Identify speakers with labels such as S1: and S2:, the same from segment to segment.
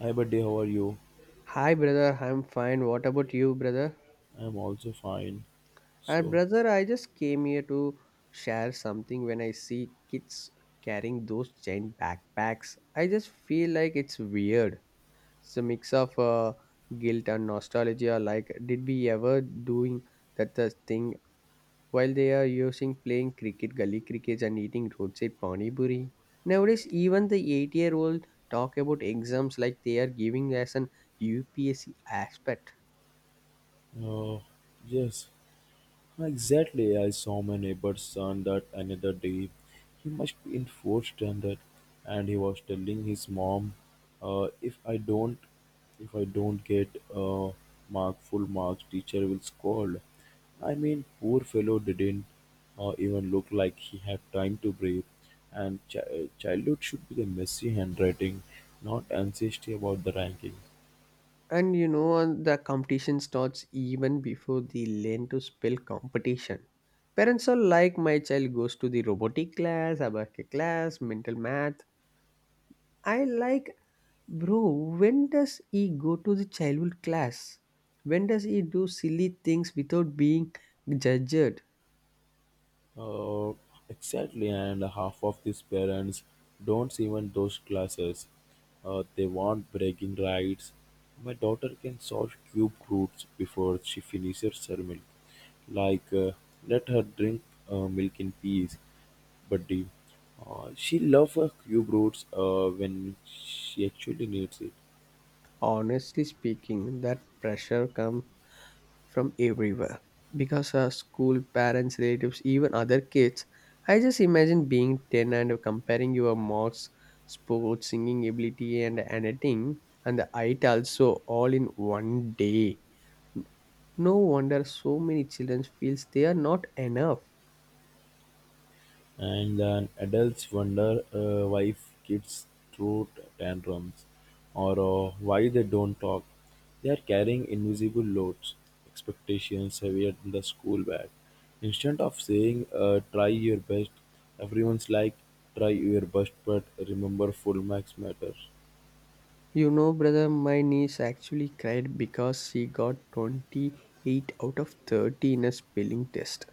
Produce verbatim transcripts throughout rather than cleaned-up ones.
S1: Hi, buddy. How are you?
S2: Hi, brother. I'm fine. What about you, brother?
S1: I'm also fine.
S2: And
S1: So,
S2: brother, I just came here to share something. When I see kids carrying those giant backpacks, I just feel like it's weird. It's a mix of uh, guilt and nostalgia. Like, did we ever doing that the thing while they are using playing cricket, gully crickets, and eating roadside pani puri? Nowadays, even the eight-year-old talk about exams like they are giving as an U P S C aspect.
S1: uh, yes, Huh, exactly. I saw my neighbor's son that another day. He must be in fourth standard, and he was telling his mom, uh, "If I don't, if I don't get uh, mark full marks, teacher will scold." I mean, poor fellow didn't uh, even look like he had time to breathe. And chi- childhood should be the messy handwriting, not anxiety about the ranking.
S2: And you know, and the competition starts even before the learn to spell competition. Parents are like, my child goes to the robotic class, abacus class, mental math. I like, bro, when does he go to the childhood class? When does he do silly things without being judged?
S1: Uh, exactly, and half of these parents don't even those classes. Uh, they want bragging rights. My daughter can solve cube roots before she finishes her milk. Like, uh, let her drink uh, milk in peace, but the, uh, she loves her cube roots uh, when she actually needs it.
S2: Honestly speaking, that pressure comes from everywhere because our school, parents, relatives, even other kids. I just imagine being ten and comparing your marks, sports, singing ability, and anything, and the height also, all in one day. No wonder so many children feels they are not enough.
S1: And then adults wonder uh, why kids throw tantrums or uh, why they don't talk. They are carrying invisible loads, expectations heavier than the school bag. Instead of saying, uh, try your best, everyone's like, try your best, but remember full marks matter.
S2: You know, brother, my niece actually cried because she got twenty-eight out of thirty in a spelling test.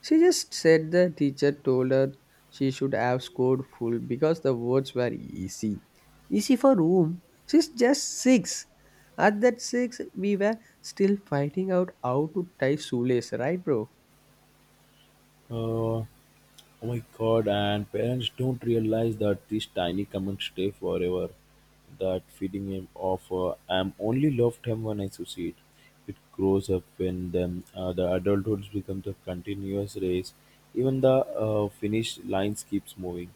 S2: She just said the teacher told her she should have scored full because the words were easy. Easy for whom? She's just six. At that six, we were still fighting out how to tie shoelace, right, bro?
S1: Uh, Oh my god, and parents don't realize that these tiny comments stay forever. That feeding him of uh, I'm only loved him when I succeed. It grows up in them. Uh, the adulthoods becomes a continuous race. Even the uh, finish lines keeps moving.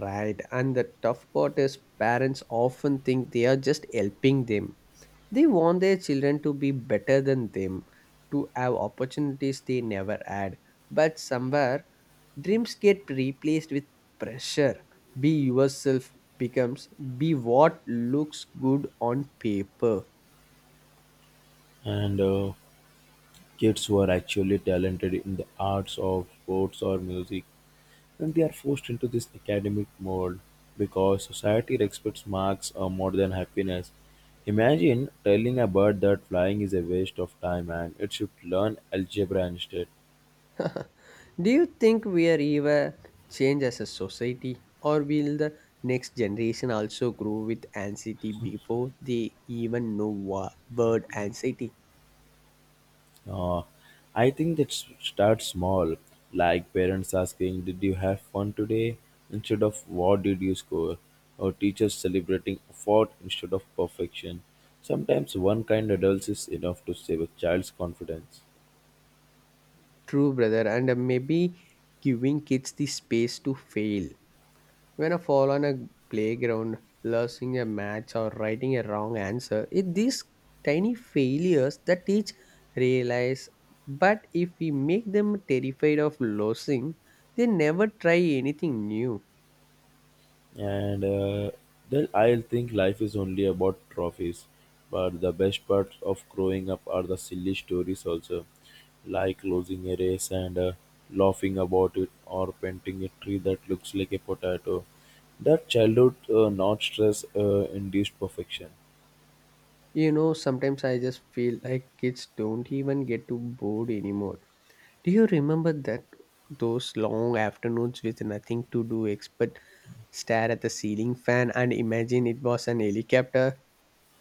S2: Right, and the tough part is parents often think they are just helping them. They want their children to be better than them, to have opportunities they never had. But somewhere, dreams get replaced with pressure. Be yourself becomes be what looks good on paper.
S1: And uh, kids who are actually talented in the arts of sports or music, and they are forced into this academic mold because society expects marks uh, more than happiness. Imagine telling a bird that flying is a waste of time and it should learn algebra instead.
S2: Do you think we are ever change as a society, or will the next generation also grow with anxiety before they even know what word anxiety?
S1: Uh, I think that s- starts small, like parents asking, did you have fun today, instead of what did you score? Or teachers celebrating effort instead of perfection. Sometimes one kind adult is enough to save a child's confidence.
S2: True, brother, and uh, maybe giving kids the space to fail. When a fall on a playground, losing a match, or writing a wrong answer, it these tiny failures that teach realize. But if we make them terrified of losing, they never try anything new.
S1: and uh, then I'll think life is only about trophies. But the best parts of growing up are the silly stories also, like losing a race and uh, laughing about it, or painting a tree that looks like a potato. That childhood, uh, not stress uh, induced perfection.
S2: You know, sometimes I just feel like kids don't even get to bored anymore. Do you remember that those long afternoons with nothing to do except stare at the ceiling fan and imagine it was an helicopter?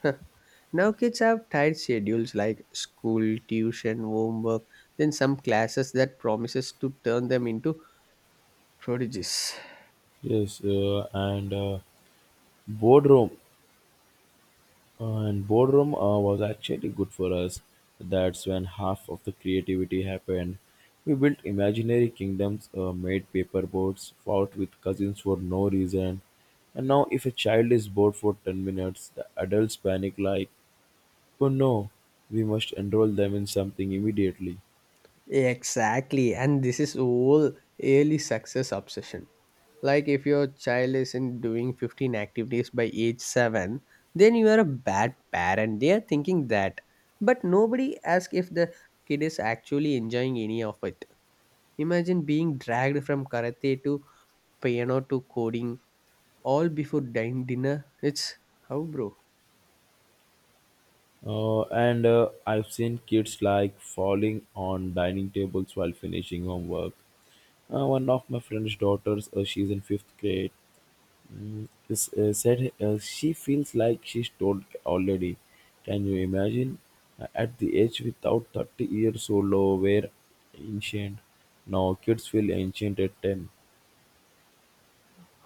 S2: Now kids have tight schedules like school, tuition, homework, then some classes that promises to turn them into prodigies.
S1: Yes, uh, and uh, boardroom And boredom uh, was actually good for us. That's when half of the creativity happened. We built imaginary kingdoms, uh, made paper boats, fought with cousins for no reason. And now, if a child is bored for ten minutes, the adults panic like, oh no, we must enroll them in something immediately.
S2: Exactly, and this is all early success obsession. Like if your child isn't doing fifteen activities by age seven, then you are a bad parent, they are thinking that. But nobody asks if the kid is actually enjoying any of it. Imagine being dragged from karate to piano to coding, all before din- dinner. It's how, bro?
S1: Uh, and uh, I've seen kids like falling on dining tables while finishing homework. Uh, one of my friend's daughters, uh, she's in fifth grade. Mm, s- uh, said uh, she feels like she's told already. Can you imagine? Uh, At the age without thirty years old, were ancient. Now kids feel ancient at ten.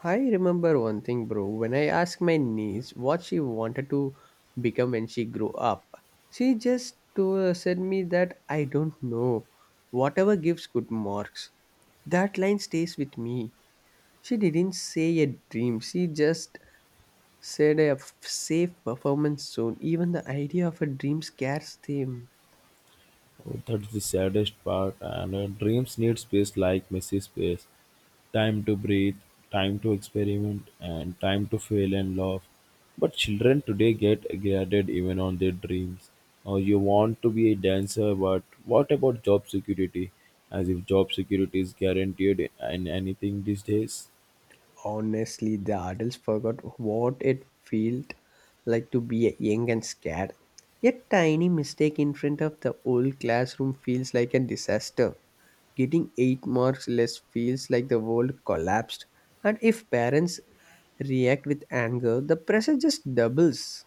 S2: I remember one thing, bro. When I asked my niece what she wanted to become when she grew up, she just to, uh, said me that I don't know. Whatever gives good marks. That line stays with me. She didn't say a dream. She just said a f- safe performance zone. Even the idea of a dream scares them.
S1: That's the saddest part, and uh, dreams need space like messy space. Time to breathe, time to experiment, and time to fail and laugh. But children today get graded even on their dreams. Or you want to be a dancer, but what about job security? As if job security is guaranteed in anything these days.
S2: Honestly, the adults forgot what it felt like to be young and scared. A tiny mistake in front of the whole classroom feels like a disaster. Getting eight marks less feels like the world collapsed. And if parents react with anger, the pressure just doubles.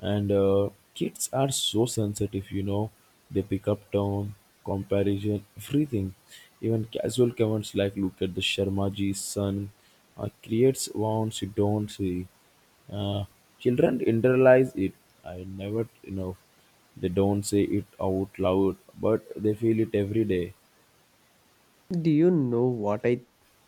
S1: and uh, kids are so sensitive, you know, they pick up tone, comparison, everything. Even casual comments like look at the sharmaji's son uh, creates wounds you don't see. uh, Children internalize it. I never you know They don't say it out loud, but they feel it every day.
S2: Do you know what I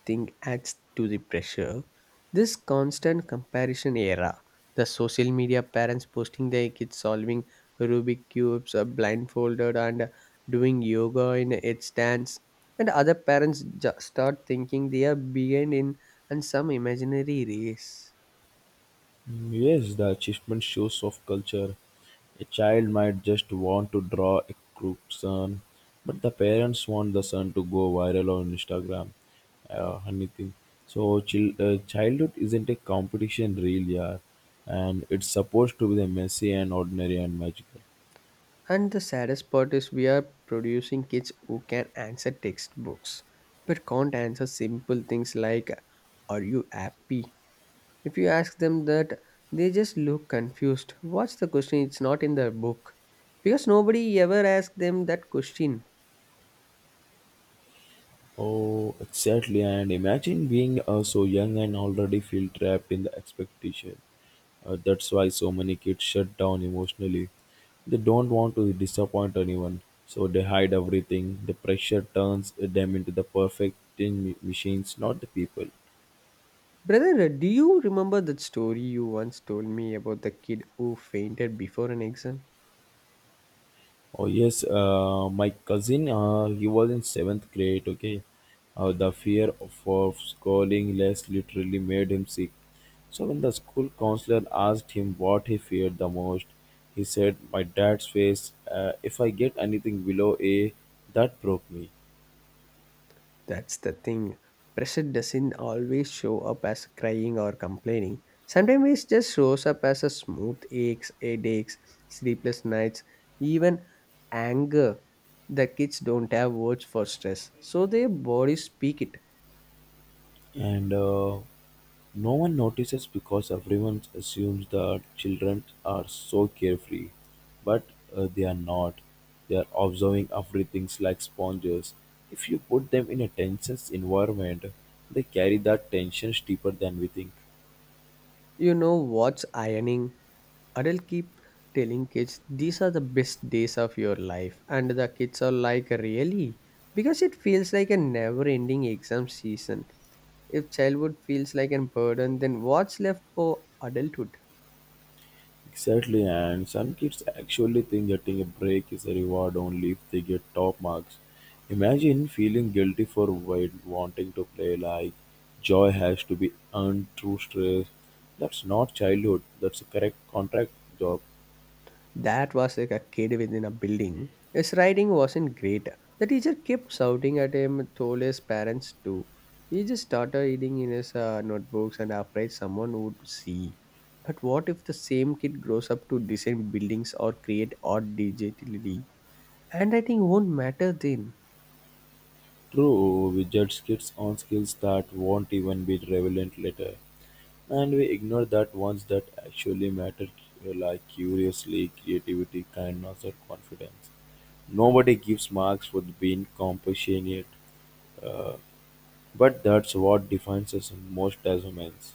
S2: think adds to the pressure? This constant comparison era. The social media parents posting their kids solving Rubik cubes, uh, blindfolded, and doing yoga in headstands, and other parents ju- start thinking they are behind in and some imaginary race.
S1: Yes, the achievement shows of culture. A child might just want to draw a crook sun, but the parents want the sun to go viral on Instagram, uh, anything. So, chil- uh, childhood isn't a competition, really, yeah, and it's supposed to be the messy and ordinary and magical.
S2: And the saddest part is we are producing kids who can answer textbooks, but can't answer simple things like "Are you happy?" If you ask them that, they just look confused. What's the question? It's not in the book. Because nobody ever asked them that question.
S1: Oh, exactly. And imagine being uh, so young and already feel trapped in the expectation. Uh, that's why so many kids shut down emotionally. They don't want to disappoint anyone, so they hide everything. The pressure turns them into the perfect machines, not the people.
S2: Brother, do you remember that story you once told me about the kid who fainted before an exam?
S1: Oh yes, uh, my cousin, uh, he was in seventh grade. Okay, uh, the fear of, of scoring less literally made him sick. So when the school counselor asked him what he feared the most, he said, "My dad's face. Uh, if I get anything below A, that broke me."
S2: That's the thing. Pressure doesn't always show up as crying or complaining. Sometimes it just shows up as a smooth aches, headaches, sleepless nights, even anger. The kids don't have words for stress, so their bodies speak it.
S1: And uh, no one notices because everyone assumes that children are so carefree, but uh, they are not. They are observing everything like sponges. If you put them in a tense environment, they carry that tension deeper than we think.
S2: You know what's ironing? Adults keep telling kids these are the best days of your life, and the kids are like, really? Because it feels like a never ending exam season. If childhood feels like a burden, then what's left for adulthood?
S1: Exactly, and some kids actually think getting a break is a reward only if they get top marks. Imagine feeling guilty for wa- wanting to play like joy has to be earned through stress. That's not childhood, that's a correct contract job.
S2: That was like a kid within a building. His writing wasn't great. The teacher kept shouting at him, told his parents too. He just started reading in his uh, notebooks and afraid someone would see. But what if the same kid grows up to design buildings or create art digitally? Handwriting won't matter then.
S1: True, we judge kids on skills that won't even be relevant later, and we ignore that ones that actually matter, uh, like curiously, creativity, kindness, or confidence. Nobody gives marks for being compassionate, uh, but that's what defines us most as humans.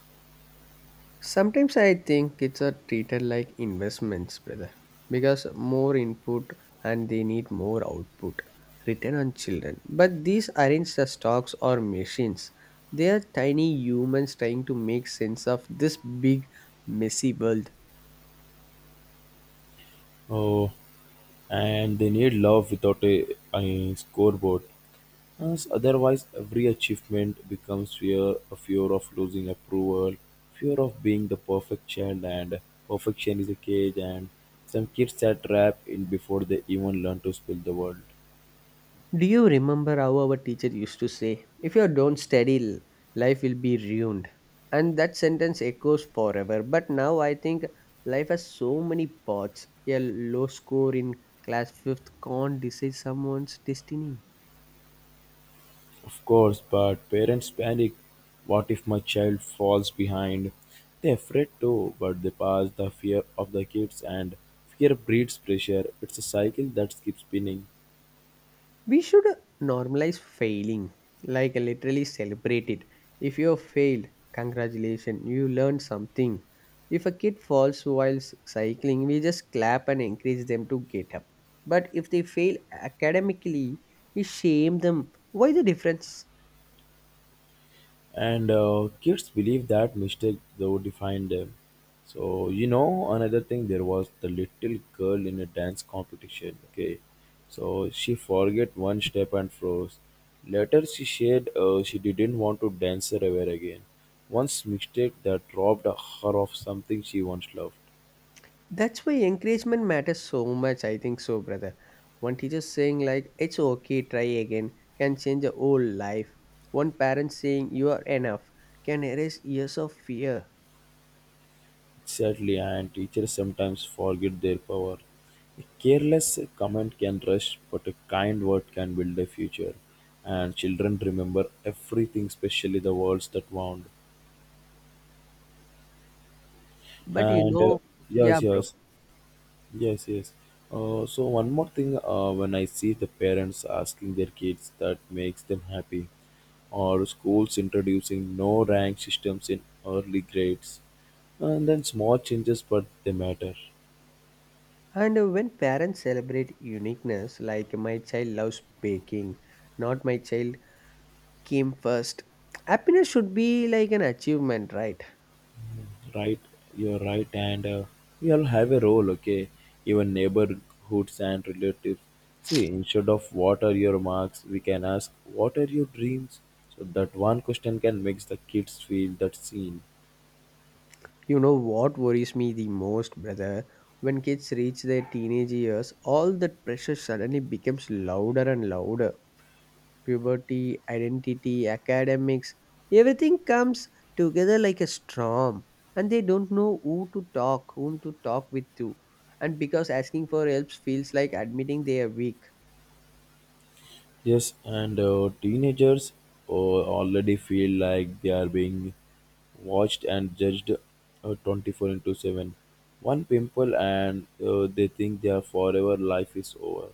S2: Sometimes I think it's a treated like investments, brother, because more input and they need more output, return on children. But these aren't the stocks or machines. They are tiny humans trying to make sense of this big messy world.
S1: Oh, and they need love without a, a scoreboard. As otherwise, every achievement becomes fear, a fear of losing approval, fear of being the perfect child, and perfection is a cage. And some kids are trapped in before they even learn to speak the word.
S2: Do you remember how our teacher used to say, if you don't study, l- life will be ruined? And that sentence echoes forever. But now I think life has so many paths. A low score in class fifth can't decide someone's destiny.
S1: Of course, but parents panic. What if my child falls behind? They're afraid too, but they pass the fear of the kids, and fear breeds pressure. It's a cycle that keeps spinning.
S2: We should normalize failing, like literally celebrate it. If you failed, congratulations, you learned something. If a kid falls while s- cycling, we just clap and encourage them to get up. But if they fail academically, we shame them. Why the difference?
S1: and uh, kids believe that mistake though define them. So you know, another thing, there was the little girl in a dance competition, okay, so she forget one step and froze. Later she said uh, she didn't want to dance ever again. Once mistake that robbed her of something she once loved.
S2: That's why encouragement matters so much, I think so, brother. One teacher saying like it's okay, try again, can change a whole life. One parent saying you are enough can erase years of fear.
S1: Sadly, and teachers sometimes forget their power. A careless comment can rush, but a kind word can build a future. And children remember everything, especially the words that wound.
S2: But you
S1: And uh,
S2: know, yeah,
S1: Yes,
S2: bro.
S1: yes, yes, yes. Uh, so one more thing, uh, when I see the parents asking their kids, that makes them happy. Or schools introducing no rank systems in early grades. And then small changes, but they matter.
S2: And uh, when parents celebrate uniqueness, like my child loves baking, not my child came first, happiness should be like an achievement, right?
S1: Right, your right, and uh, we all have a role, okay, even neighborhoods and relatives. See, instead of what are your marks, we can ask what are your dreams, so that one question can makes the kids feel that seen.
S2: You know what worries me the most, brother? When kids reach their teenage years, all that pressure suddenly becomes louder and louder. Puberty, identity, academics, everything comes together like a storm, and they don't know who to talk, whom to talk with to. And because asking for help feels like admitting they are weak.
S1: Yes, and uh, teenagers uh, already feel like they are being watched and judged uh, twenty-four into seven. One pimple, and uh, they think their forever life is over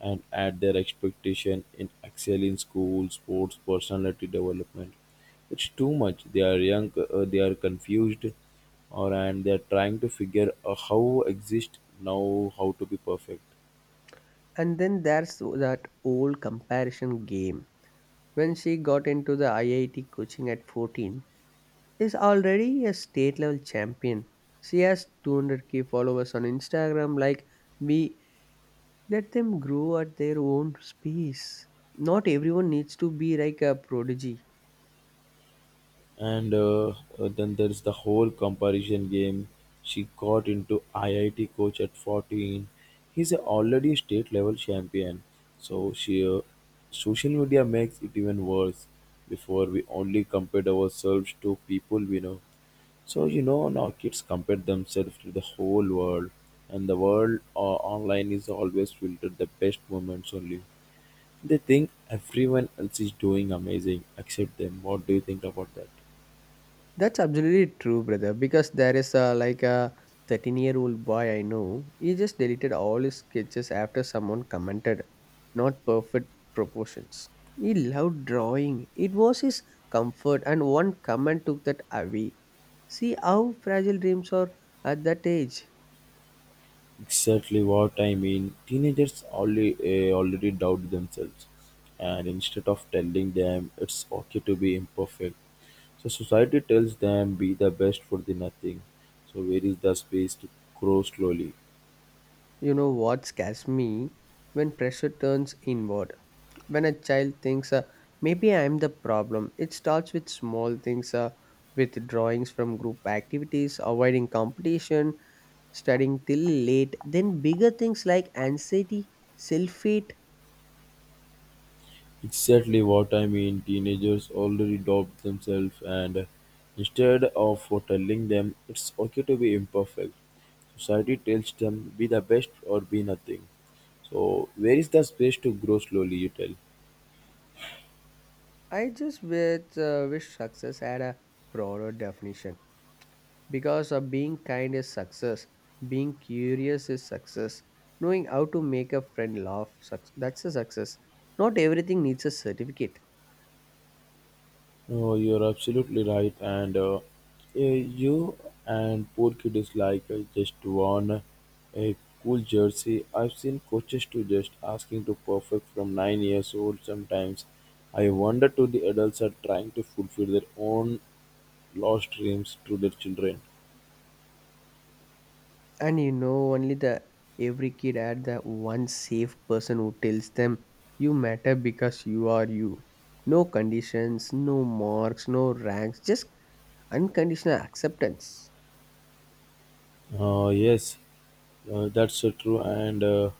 S1: and add their expectation in excel in school, sports, personality development. It's too much. They are young, uh, they are confused, or and they are trying to figure uh, how exist now, how to be perfect.
S2: And then there's that old comparison game. When she got into the I I T coaching at fourteen, is already a state level champion. She has two hundred k followers on Instagram like me. Let them grow at their own pace. Not everyone needs to be like a prodigy.
S1: And uh, uh, Then there's the whole comparison game. She got into I I T coach at fourteen. He's a already state level champion. So she, uh, social media makes it even worse. Before we only compared ourselves to people we know. So you know now kids compare themselves to the whole world, and the world uh, online is always filtered the best moments only. They think everyone else is doing amazing except them. What do you think about that?
S2: That's absolutely true, brother. Because there is a like a thirteen year old boy I know. He just deleted all his sketches after someone commented, not perfect proportions. He loved drawing. It was his comfort, and one comment took that away. See how fragile dreams are at that age.
S1: Exactly what I mean. Teenagers only uh, already doubt themselves, and instead of telling them it's okay to be imperfect, so society tells them be the best for the nothing. So where is the space to grow slowly?
S2: You know what scares me, when pressure turns inward. When a child thinks, uh, maybe I'm the problem, it starts with small things, uh, with drawings from group activities, avoiding competition, studying till late, then bigger things like anxiety, self hate.
S1: Exactly what I mean. Teenagers already doubt themselves, and instead of for telling them it's okay to be imperfect, society tells them be the best or be nothing. So where is the space to grow slowly? You tell.
S2: I just wish, uh, wish success had a broader definition, because uh, being kind is success, being curious is success, knowing how to make a friend laugh, suc- that's a success. Not everything needs a certificate.
S1: Oh, you're absolutely right, and uh, eh, you and poor kid is like uh, just won a cool jersey. I've seen coaches to just asking to perfect from nine years old. Sometimes I wonder to the adults are trying to fulfill their own lost dreams to their children.
S2: And you know, only the every kid had the one safe person who tells them you matter because you are you. No conditions, no marks, no ranks, just unconditional acceptance.
S1: Uh, yes, uh, that's uh, true. And uh,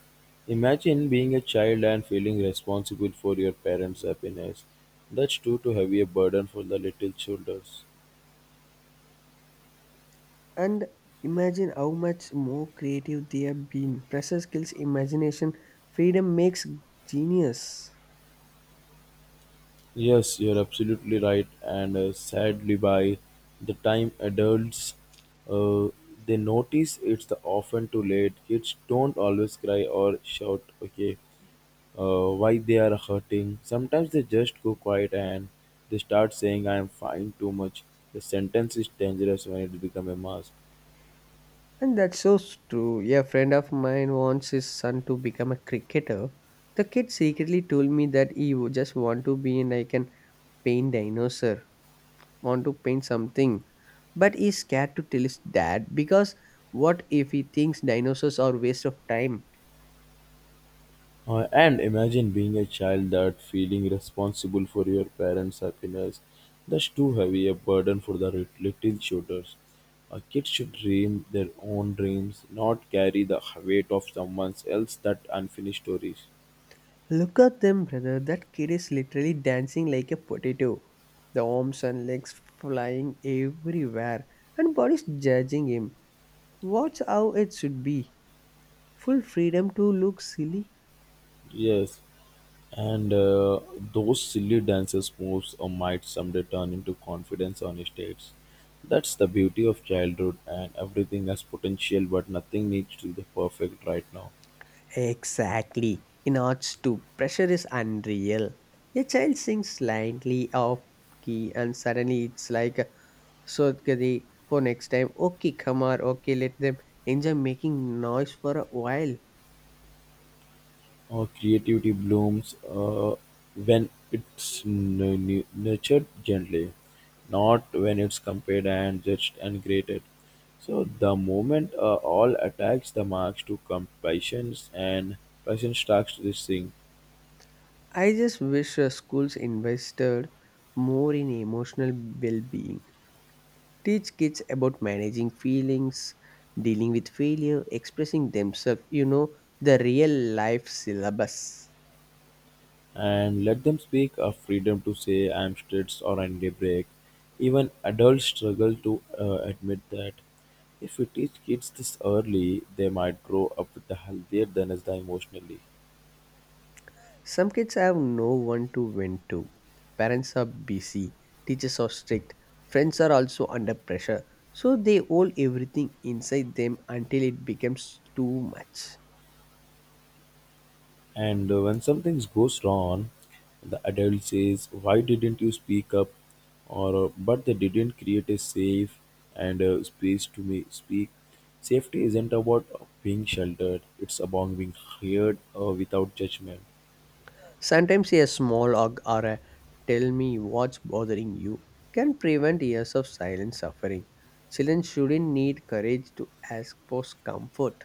S1: imagine being a child and feeling responsible for your parents' happiness. That's too too heavy a burden for the little shoulders.
S2: And imagine how much more creative they have been. Pressure skills, imagination, freedom makes genius.
S1: Yes, you're absolutely right. And uh, sadly, by the time adults uh, they notice it's the often too late. Kids don't always cry or shout. Okay, uh, why they are hurting? Sometimes they just go quiet and they start saying "I am fine" too much. The sentence is dangerous when it becomes a mask.
S2: And that's so true. A friend of mine wants his son to become a cricketer. The kid secretly told me that he would just want to be in like an paint dinosaur. Want to paint something, but is scared to tell us that because what if he thinks dinosaurs are waste of time.
S1: Uh, and imagine being a child that feeling responsible for your parents' happiness. That's too heavy a burden for the lit- little shoulders. A kid should dream their own dreams, not carry the weight of someone else that unfinished stories.
S2: Look at them, brother, that kid is literally dancing like a potato, the arms and legs flying everywhere, and body's judging him. Watch how it should be, full freedom to look silly.
S1: Yes, and uh, those silly dances moves or might someday turn into confidence on stage. That's the beauty of childhood, and everything has potential, but nothing needs to be perfect right now.
S2: Exactly. In arts too, pressure is unreal. A child sings slightly off key and suddenly it's like, So Gadi, for next time, okay, come on, okay, let them enjoy making noise for a while.
S1: Uh, creativity blooms uh, when it's nu- nu- nurtured gently, not when it's compared and judged and graded. So the moment uh, all attacks the marks to come patience and patience starts this thing
S2: I just wish uh, schools invested more in emotional well being. Teach kids about managing feelings, dealing with failure, expressing themselves, you know, the real life syllabus.
S1: and let them speak of freedom to say I'm stressed or I need a break. Even adults struggle to uh, admit that. If we teach kids this early, they might grow up with the healthier than us the emotionally.
S2: Some kids have no one to vent to. Parents are busy, teachers are strict, friends are also under pressure. So they hold everything inside them until it becomes too much.
S1: And uh, When something goes wrong, the adult says, "Why didn't you speak up?" Or, uh, but they didn't create a safe and uh, space to me speak. Safety isn't about being sheltered, it's about being heard uh, without judgment.
S2: Sometimes a small hug or a tell me what's bothering you can prevent years of silent suffering. Children shouldn't need courage to ask for comfort.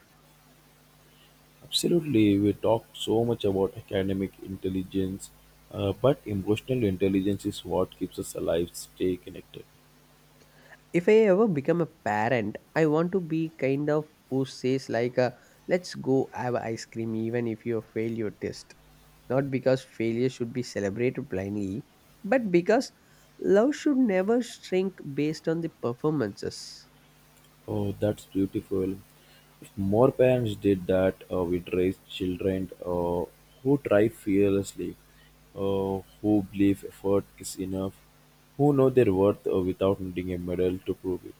S1: Absolutely, we talk so much about academic intelligence, uh, but emotional intelligence is what keeps us alive, stay connected.
S2: If I ever become a parent, I want to be kind of who says like, uh, "Let's go have ice cream, even if you fail your test." Not because failure should be celebrated blindly, but because love should never shrink based on the performances.
S1: Oh, that's beautiful. If more parents did that, uh, we'd raise children uh, who try fearlessly, uh, who believe effort is enough, who know their worth uh, without needing a medal to prove it.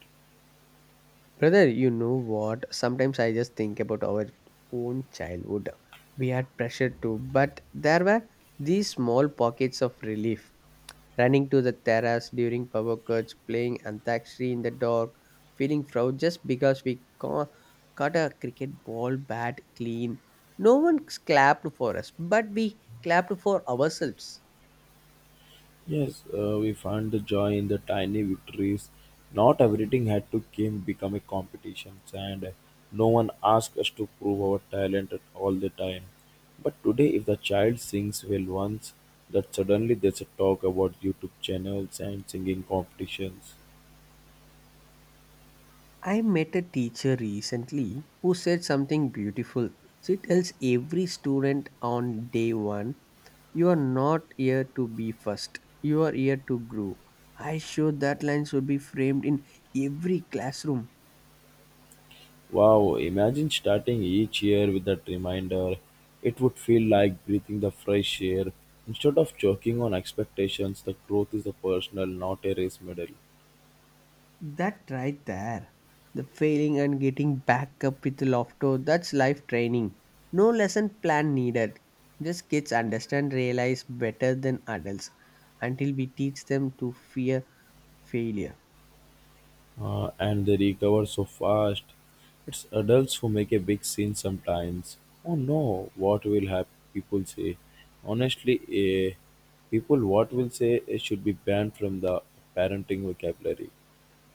S2: Brother, you know what? Sometimes I just think about our own childhood. We had pressure too, but there were these small pockets of relief running to the terrace during power cuts, playing antakshari in the dark, feeling proud just because we ca- caught a cricket ball bat clean. No one clapped for us, but we clapped for ourselves.
S1: Yes, uh, we found the joy in the tiny victories. Not everything had to came become a competition, and no one asked us to prove our talent at all the time. But today, if the child sings well once, that suddenly there's a talk about YouTube channels and singing competitions.
S2: I met a teacher recently who said something beautiful. She tells every student on day one, you are not here to be first, you are here to grow. I sure that line should be framed in every classroom.
S1: Wow, imagine starting each year with that reminder. It would feel like breathing the fresh air. Instead of choking on expectations, the growth is a personal, not a race medal.
S2: That right there. The failing and getting back up with laughter, that's life training. No lesson plan needed. Just kids understand, realize better than adults until we teach them to fear failure.
S1: Uh, and they recover so fast. It's adults who make a big scene sometimes. Oh no, what will have people say? Honestly, eh, people what will say eh, should be banned from the parenting vocabulary.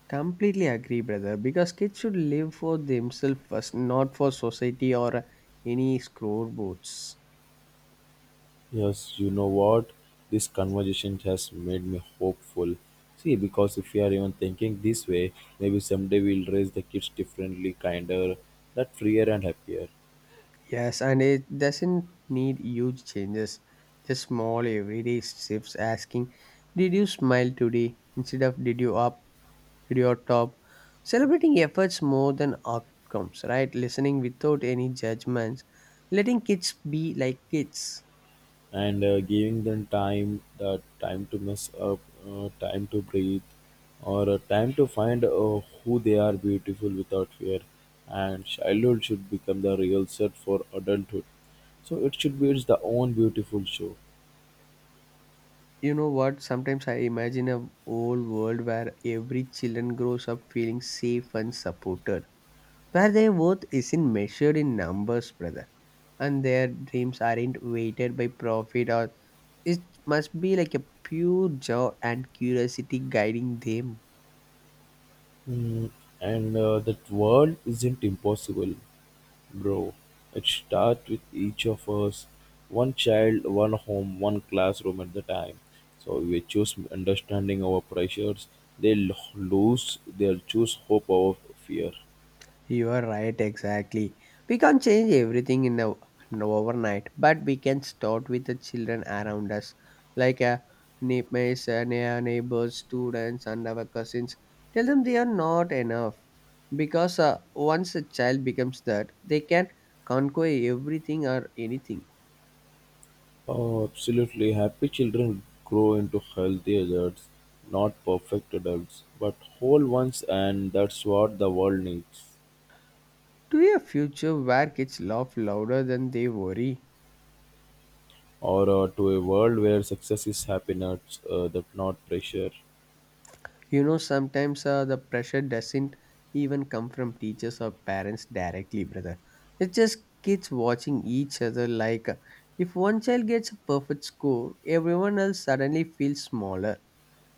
S2: Completely agree, brother, because kids should live for themselves first, not for society or any scoreboards.
S1: Yes, you know what? This conversation has made me hopeful. See, because if we are even thinking this way, maybe someday we'll raise the kids differently, kinder, not freer and happier.
S2: Yes, and it doesn't need huge changes. Just small everyday shifts asking, did you smile today? Instead of did you up? Did you top? Celebrating efforts more than outcomes, right? Listening without any judgments. Letting kids be like kids.
S1: And uh, Giving them time the time to mess up uh, time to breathe or uh, time to find uh, who they are beautiful without fear and childhood should become the real set for adulthood so it should be its the own beautiful show.
S2: You know what? Sometimes I imagine a whole world where every children grows up feeling safe and supported where their worth isn't measured in numbers, brother, and their dreams aren't weighted by profit or it must be like a pure joy and curiosity guiding them.
S1: Hmm, and uh, that world isn't impossible, Bro, it starts with each of us, one child, one home, one classroom at the time. So we choose understanding our pressures. They lo- lose, they'll choose hope over fear.
S2: You are right, exactly. We can't change everything in, a, in a overnight, but we can start with the children around us, like uh, neighbors, uh, neigh- neighbors, students, and our cousins. Tell them they are not enough, because uh, once a child becomes that, they can conquer everything or anything.
S1: Oh, absolutely. Happy children grow into healthy adults, not perfect adults, but whole ones, and that's what the world needs.
S2: To a future where kids laugh louder than they worry.
S1: Or uh, to a world where success is happiness, uh, that not pressure.
S2: You know, sometimes uh, the pressure doesn't even come from teachers or parents directly, brother. It's just kids watching each other like uh, if one child gets a perfect score, everyone else suddenly feels smaller,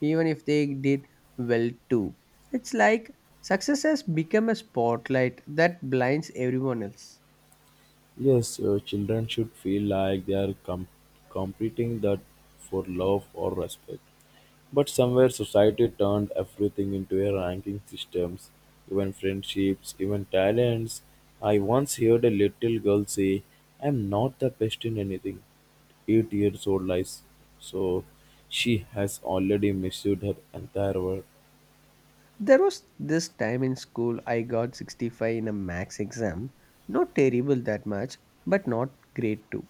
S2: even if they did well too. It's like success has become a spotlight that blinds everyone else.
S1: Yes, your children should feel like they are com- competing that for love or respect. But somewhere society turned everything into a ranking systems, even friendships, even talents. I once heard a little girl say, "I'm not the best in anything." Eight years old lies, so she has already misused her entire world.
S2: There was this time in school I got sixty-five in a max exam. Not terrible that much, but not great too.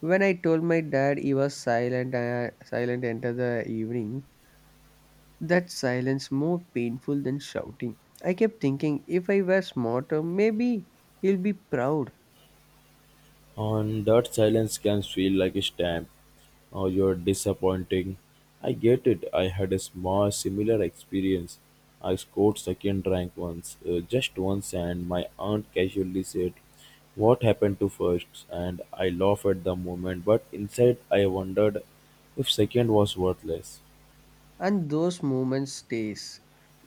S2: When I told my dad he was silent, uh, silent enter the evening, that silence more painful than shouting. I kept thinking if I were smarter, maybe he'll be proud.
S1: And that silence can feel like a stamp or you're disappointing. I get it. I had a small similar experience. I scored second rank once, uh, just once, and my aunt casually said, "What happened to first?" And I laughed at the moment, but inside I wondered if second was worthless.
S2: And those moments stays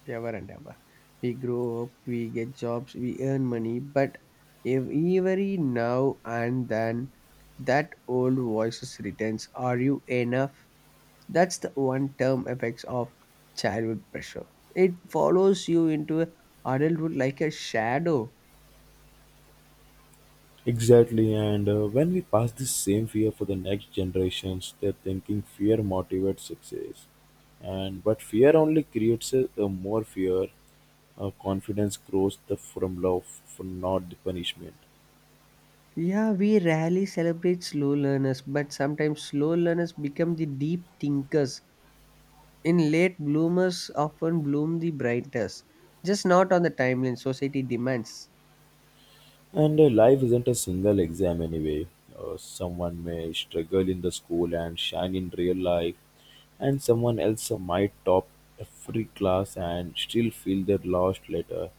S2: ever and ever. We grow up, we get jobs, we earn money, but if every now and then that old voice returns, are you enough? That's the one term effects of childhood pressure. It follows you into adulthood like a shadow.
S1: Exactly, and uh, when we pass this same fear for the next generations, they're thinking fear motivates success, and but fear only creates a, a more fear. Uh, confidence grows the from love, from not the punishment.
S2: Yeah, we rarely celebrate slow learners, but sometimes slow learners become the deep thinkers. In late bloomers often bloom the brightest, just not on the timeline society demands.
S1: And uh, Life isn't a single exam anyway. Uh, someone may struggle in the school and shine in real life, and someone else might top every class and still feel they're lost later.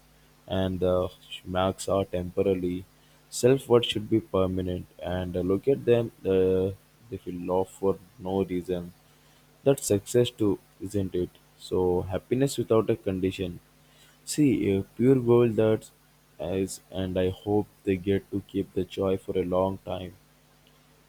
S1: And the marks are temporary. Self worth should be permanent. And uh, look at them, uh, they feel off for no reason. That's success too, isn't it? So, happiness without a condition. See, a pure gold that is, and I hope they get to keep the joy for a long time.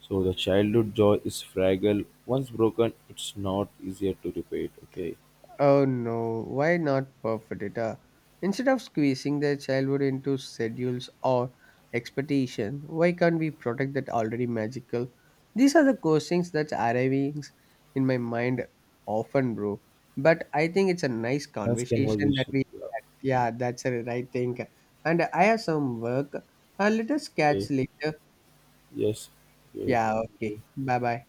S1: So the childhood joy is fragile. Once broken, it's not easier to repair. It, Okay.
S2: Oh no, why not perfect data? Instead of squeezing their childhood into schedules or expectation, why can't we protect that already magical? These are the questions that arriving in my mind often, bro. But I think it's a nice
S1: Nice
S2: conversation that
S1: conversation.
S2: we
S1: Yeah.
S2: had. Yeah, that's a right thing. And I have some work. Uh, let us
S1: Okay.
S2: catch later.
S1: Yes. Good.
S2: Yeah,
S1: Thank you.
S2: okay. Bye bye.